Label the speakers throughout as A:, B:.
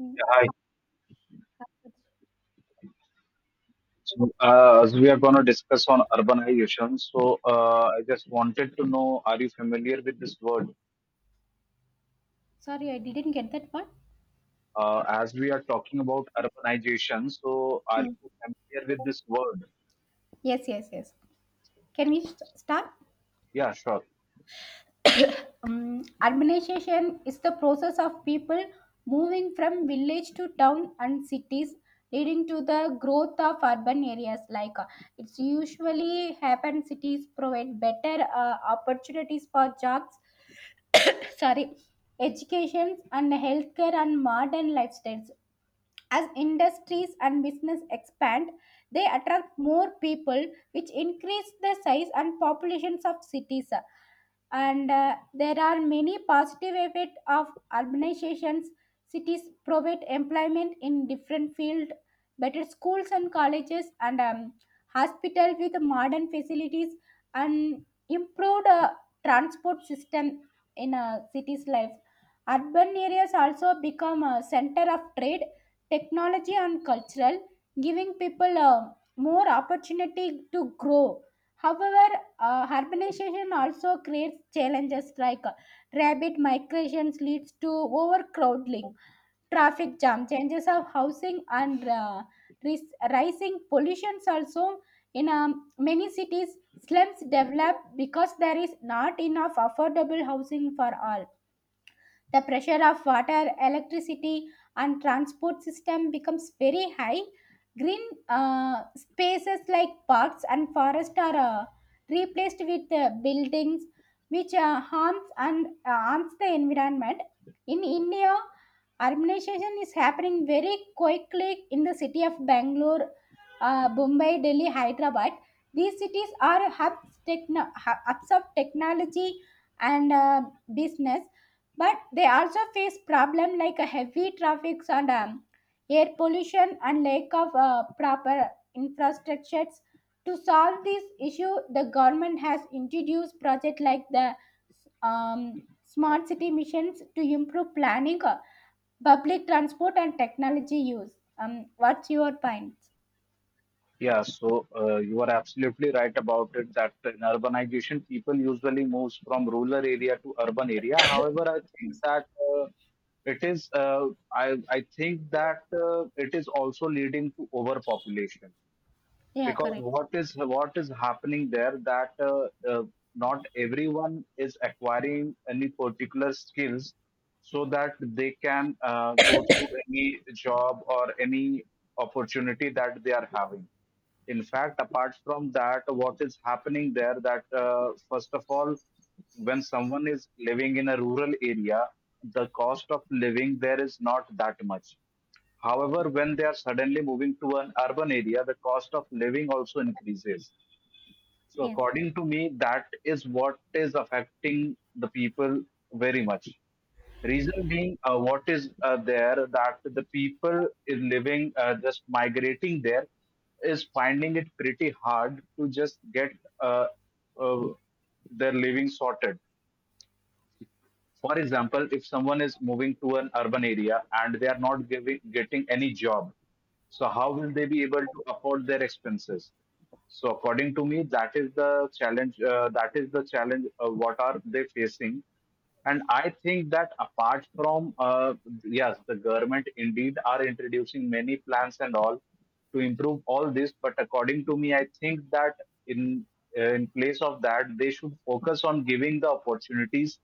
A: Mm.
B: Hi. So, as we are going to discuss on urbanization, I just wanted to know, are you familiar with this word?
A: Sorry, I didn't get that part.
B: As we are talking about urbanization, so are
A: Hmm.
B: you familiar with this word?
A: Yes, yes, yes. Can we start?
B: Yeah, sure.
A: Urbanization is the process of people moving from village to town and cities, leading to the growth of urban areas. It's usually happen, cities provide better opportunities for jobs, sorry, education and healthcare and modern lifestyles. As industries and business expand, they attract more people, which increase the size and populations of cities, and there are many positive effects of urbanizations. Cities provide employment in different fields, better schools and colleges, and hospital with modern facilities, and improved transport system. In a city's life, urban areas also become a center of trade, technology and cultural, giving people more opportunity to grow. However, urbanization also creates challenges like rapid migrations leads to overcrowding, traffic jam, changes of housing, and rising pollutions also. In many cities, slums develop because there is not enough affordable housing for all. The pressure of water, electricity, and transport system becomes very high. Green spaces like parks and forests are replaced with buildings, which harms the environment. In India, urbanization is happening very quickly in the city of Bangalore, Mumbai, Delhi, Hyderabad. These cities are hubs of technology and business, but they also face problem like a heavy traffic and air pollution and lack of proper infrastructures. To solve this issue, the government has introduced projects like the smart city missions to improve planning, public transport and technology use. What's your point?
B: Yeah, so you are absolutely right about it that in urbanization, people usually moves from rural area to urban area. However, I think
A: Yes.
B: that it is I think that it is also leading to overpopulation
A: Yeah,
B: because
A: correct.
B: what is happening there that not everyone is acquiring any particular skills so that they can go through any job or any opportunity that they are having. In fact, apart from that, what is happening there that first of all, when someone is living in a rural area, the cost of living there is not that much. However, when they are suddenly moving to an urban area, the cost of living also increases. So,
A: Yes.
B: according to me, that is what is affecting the people very much. Reason being, what is there that the people is living, just migrating there, is finding it pretty hard to just get uh, uh, their living sorted. For example, if someone is moving to an urban area and they are not giving, getting any job, so how will they be able to afford their expenses? So according to me, that is the challenge. That is the challenge. What are they facing? And I think that apart from yes, the government indeed are introducing many plans and all to improve all this. But according to me, I think that in in place of that, they should focus on giving the opportunities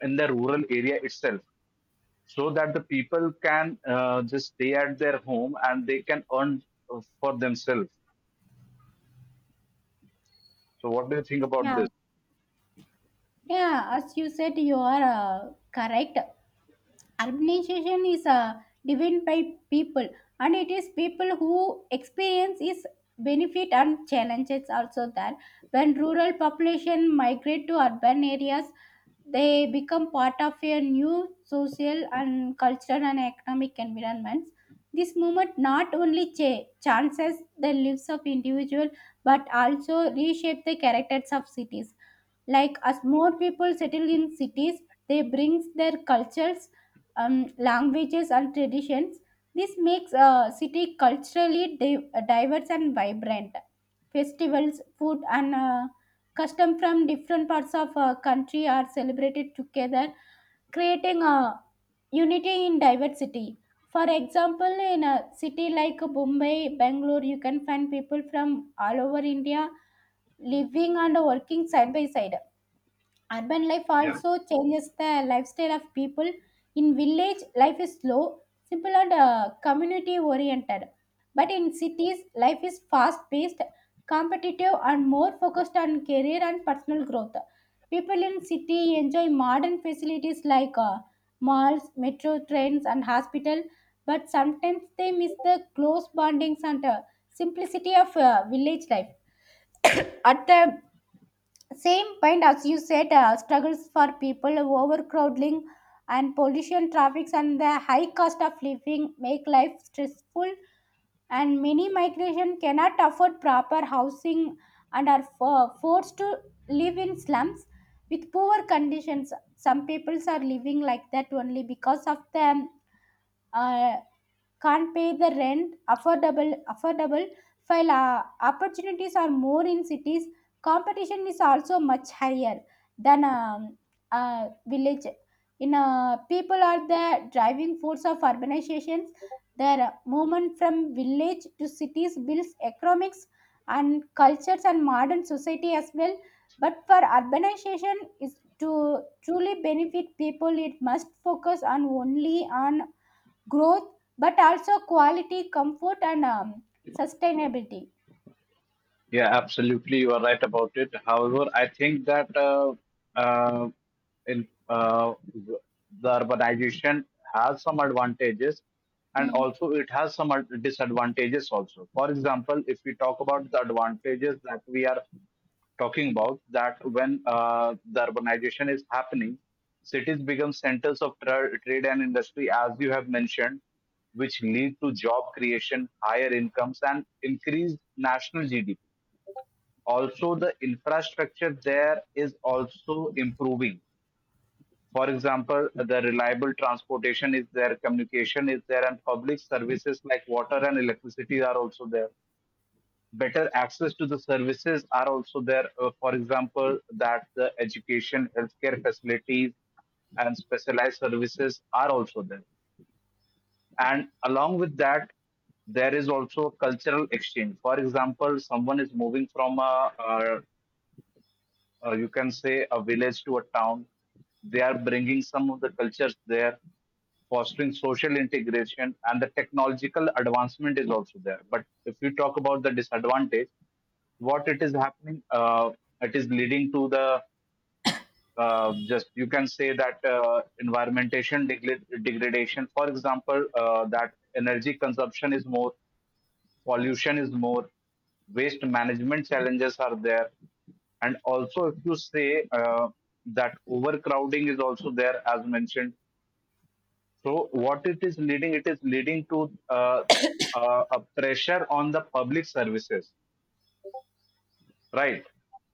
B: in the rural area itself so that the people can just stay at their home and they can earn for themselves. So, what do you think about
A: Yeah.
B: this?
A: Yeah, as you said, you are correct. Urbanization is driven by people, and it is people who experience its benefit and challenges also there. When rural population migrate to urban areas, they become part of a new social and cultural and economic environments. This movement not only chances the lives of individual, but also reshape the characters of cities. Like as more people settle in cities, they brings their cultures, languages and traditions. This makes a city culturally diverse and vibrant. Festivals, food, and custom from different parts of a country are celebrated together, creating a unity in diversity. For example, in a city like Mumbai, Bangalore, you can find people from all over India living and working side by side. Urban life
B: Yeah.
A: also changes the lifestyle of people. In village, life is slow, simple, and community oriented. But in cities, life is fast paced, competitive, and more focused on career and personal growth. People in city enjoy modern facilities like malls, metro trains, and hospital. But sometimes they miss the close bondings and simplicity of village life. At the same point, as you said, struggles for people, overcrowding and pollution, traffics and the high cost of living make life stressful, and many migration cannot afford proper housing and are forced to live in slums with poor conditions. Some peoples are living like that only because of the uh, can't pay the rent affordable. While opportunities are more in cities, competition is also much higher than a village. In people are the driving force of urbanizations, their movement from village to cities builds economics and cultures and modern society as well. But for urbanization is to truly benefit people, it must focus on only on growth, but also quality, comfort, and sustainability.
B: Yeah, absolutely. You are right about it. However, I think that uh, in uh, w- the urbanization has some advantages, and
A: Hmm.
B: also it has some disadvantages also. For example, if we talk about the advantages that we are talking about, that when the urbanization is happening, cities become centers of trade and industry, as you have mentioned, which lead to job creation, higher incomes, and increased national GDP. Also, the infrastructure there is also improving. For example, the reliable transportation is there, communication is there, and public services like water and electricity are also there. Better access to the services are also there. For example, that the education, healthcare facilities, and specialized services are also there. And along with that, there is also cultural exchange. For example, someone is moving from you can say a village to a town. They are bringing some of the cultures there, fostering social integration, and the technological advancement is also there. But if you talk about the disadvantage, what it is happening, it is leading to the just you can say that degradation. For example, that energy consumption is more, pollution is more, waste management challenges are there, and also if you say that overcrowding is also there as mentioned. So what it is leading to a pressure on the public services, right?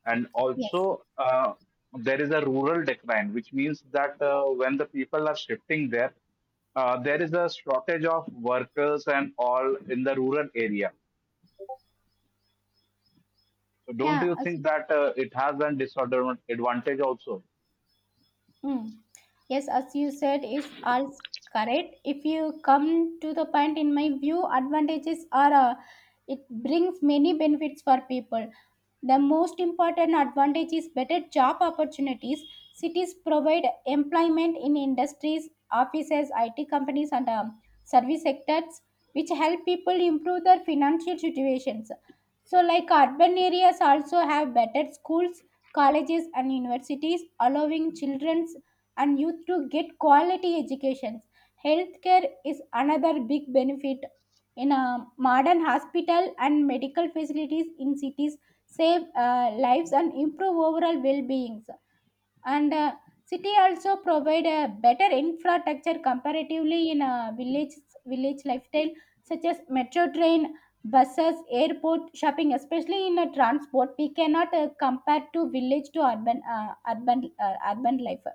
B: And
A: Yes.
B: also there is a rural decline, which means that when the people are shifting there, there is a shortage of workers and all in the rural area. So don't
A: Yeah.
B: you
A: As,
B: think that it has an disadvantage also?
A: hmm. Yes, as you said, is all correct. If you come to the point, in my view, advantages are, it brings many benefits for people. The most important advantage is better job opportunities. Cities provide employment in industries, offices, IT companies, and service sectors, which help people improve their financial situations. So, like urban areas also have better schools, colleges, and universities, allowing children and youth to get quality educations. Healthcare is another big benefit. In a modern hospital and medical facilities in cities save lives and improve overall well-being, and city also provide a better infrastructure comparatively in village, village lifestyle, such as metro train, buses, airport, shopping. Especially in transport, we cannot compare to village to urban urban life.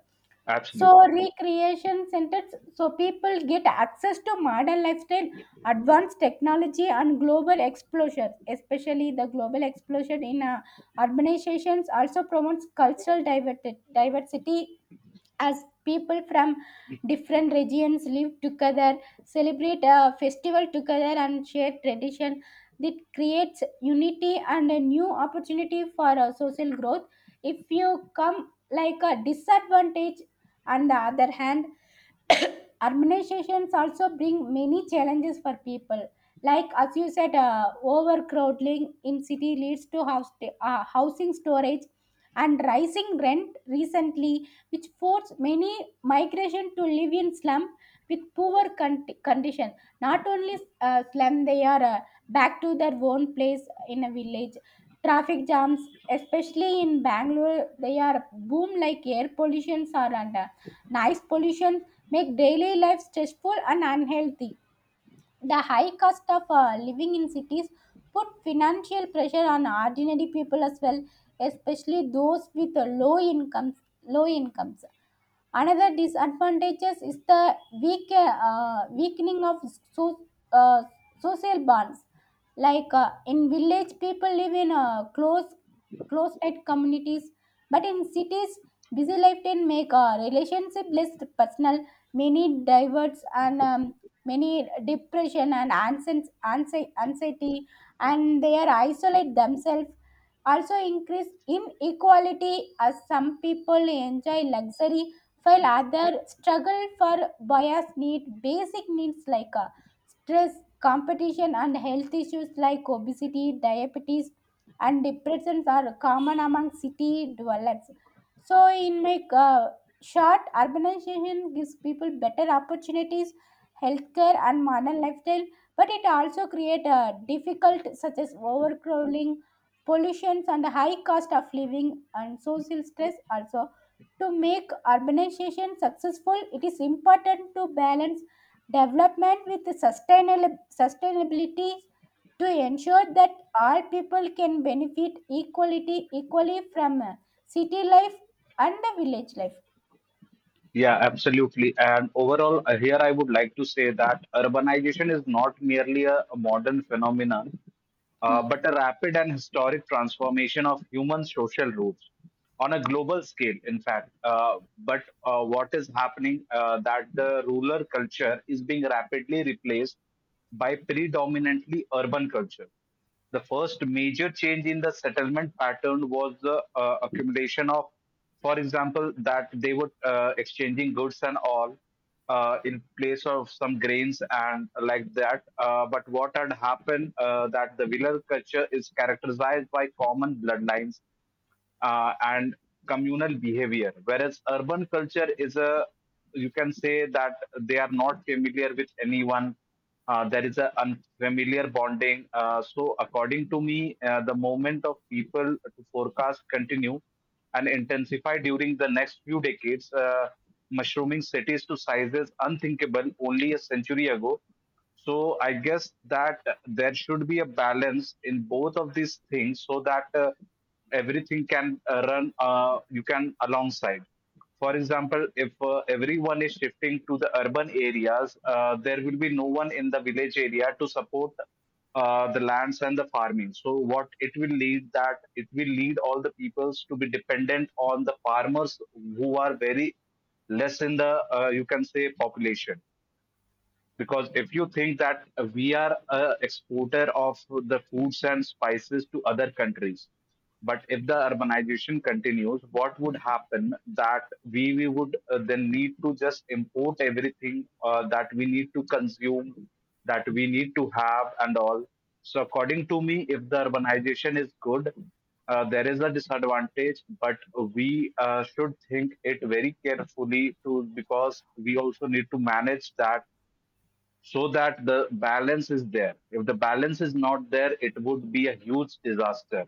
A: So
B: Absolutely.
A: recreation centers, so people get access to modern lifestyle, advanced technology, and global exposure. Especially the global explosion in urbanizations also promotes diversity, as people from different regions live together, celebrate a festival together, and share tradition. That creates unity and a new opportunity for social growth. If you come like a disadvantage, on the other hand, urbanizations also bring many challenges for people. Like as you said, overcrowding in city leads to house housing storage and rising rent recently, which force many migration to live in slum with condition. Not only slum, they are back to their own place in a village. Traffic jams, especially in Bangalore, they are boom like air pollutions are under. Noise pollution make daily life stressful and unhealthy. The high cost of living in cities put financial pressure on ordinary people as well, especially those with low incomes. Low incomes. Another disadvantages is the weakening of so, uh, social bonds. Like in village, people live in close-knit communities, but in cities, busy life can make a relationship less personal. Many diverts and many depression and anxiety, and they are isolate themselves, also increase inequality as some people enjoy luxury while others struggle for bias need basic needs like, stress, competition and health issues like obesity, diabetes and depression are common among city dwellers. So, in my short, urbanization gives people better opportunities, healthcare and modern lifestyle, but it also creates a difficult such as overcrowding, pollution, and the high cost of living and social stress also. To make urbanization successful, it is important to balance development with sustainable sustainability, to ensure that all people can benefit equality equally from city life and the village life.
B: Yeah, absolutely. And overall, here I would like to say that urbanization is not merely a modern phenomenon,
A: Hmm.
B: but a rapid and historic transformation of human social roots on a global scale, in fact. But what is happening that the rural culture is being rapidly replaced by predominantly urban culture. The first major change in the settlement pattern was the accumulation of, for example, that they were exchanging goods and all in place of some grains and like that. But what had happened that the village culture is characterized by common bloodlines and communal behavior, whereas urban culture is, a you can say that they are not familiar with anyone. There is a unfamiliar bonding. So, according to me, the moment of people to forecast continue and intensify during the next few decades, mushrooming cities to sizes unthinkable only a century ago. So I guess that there should be a balance in both of these things so that everything can run, you can alongside. For example, if everyone is shifting to the urban areas, there will be no one in the village area to support the lands and the farming. So what it will lead that it will lead all the peoples to be dependent on the farmers who are very less in the you can say population. Because if you think that we are a exporter of the foods and spices to other countries, but if the urbanization continues, what would happen that we would then need to just import everything that we need to consume, that we need to have, and all. So, according to me, if the urbanization is good, there is a disadvantage, but we should think it very carefully to because we also need to manage that so that the balance is there. If the balance is not there, it would be a huge disaster.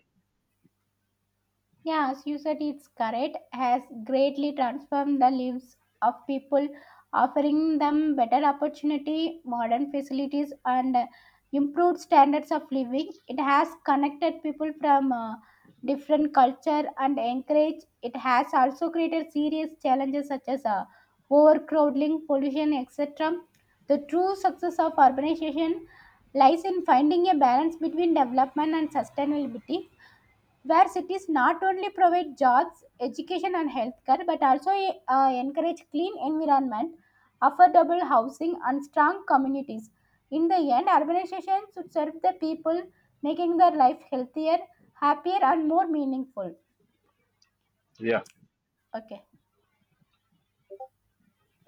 A: Yeah, as you said, it's correct, has greatly transformed the lives of people, offering them better opportunity, modern facilities, and improved standards of living. It has connected people from different culture and encouraged. It has also created serious challenges such as overcrowding, pollution, etc. The true success of urbanization lies in finding a balance between development and sustainability, where cities not only provide jobs, education, and healthcare, but also encourage clean environment, affordable housing, and strong communities. In the end, urbanization should serve the people, making their life healthier, happier, and more meaningful.
B: Yeah.
A: Okay.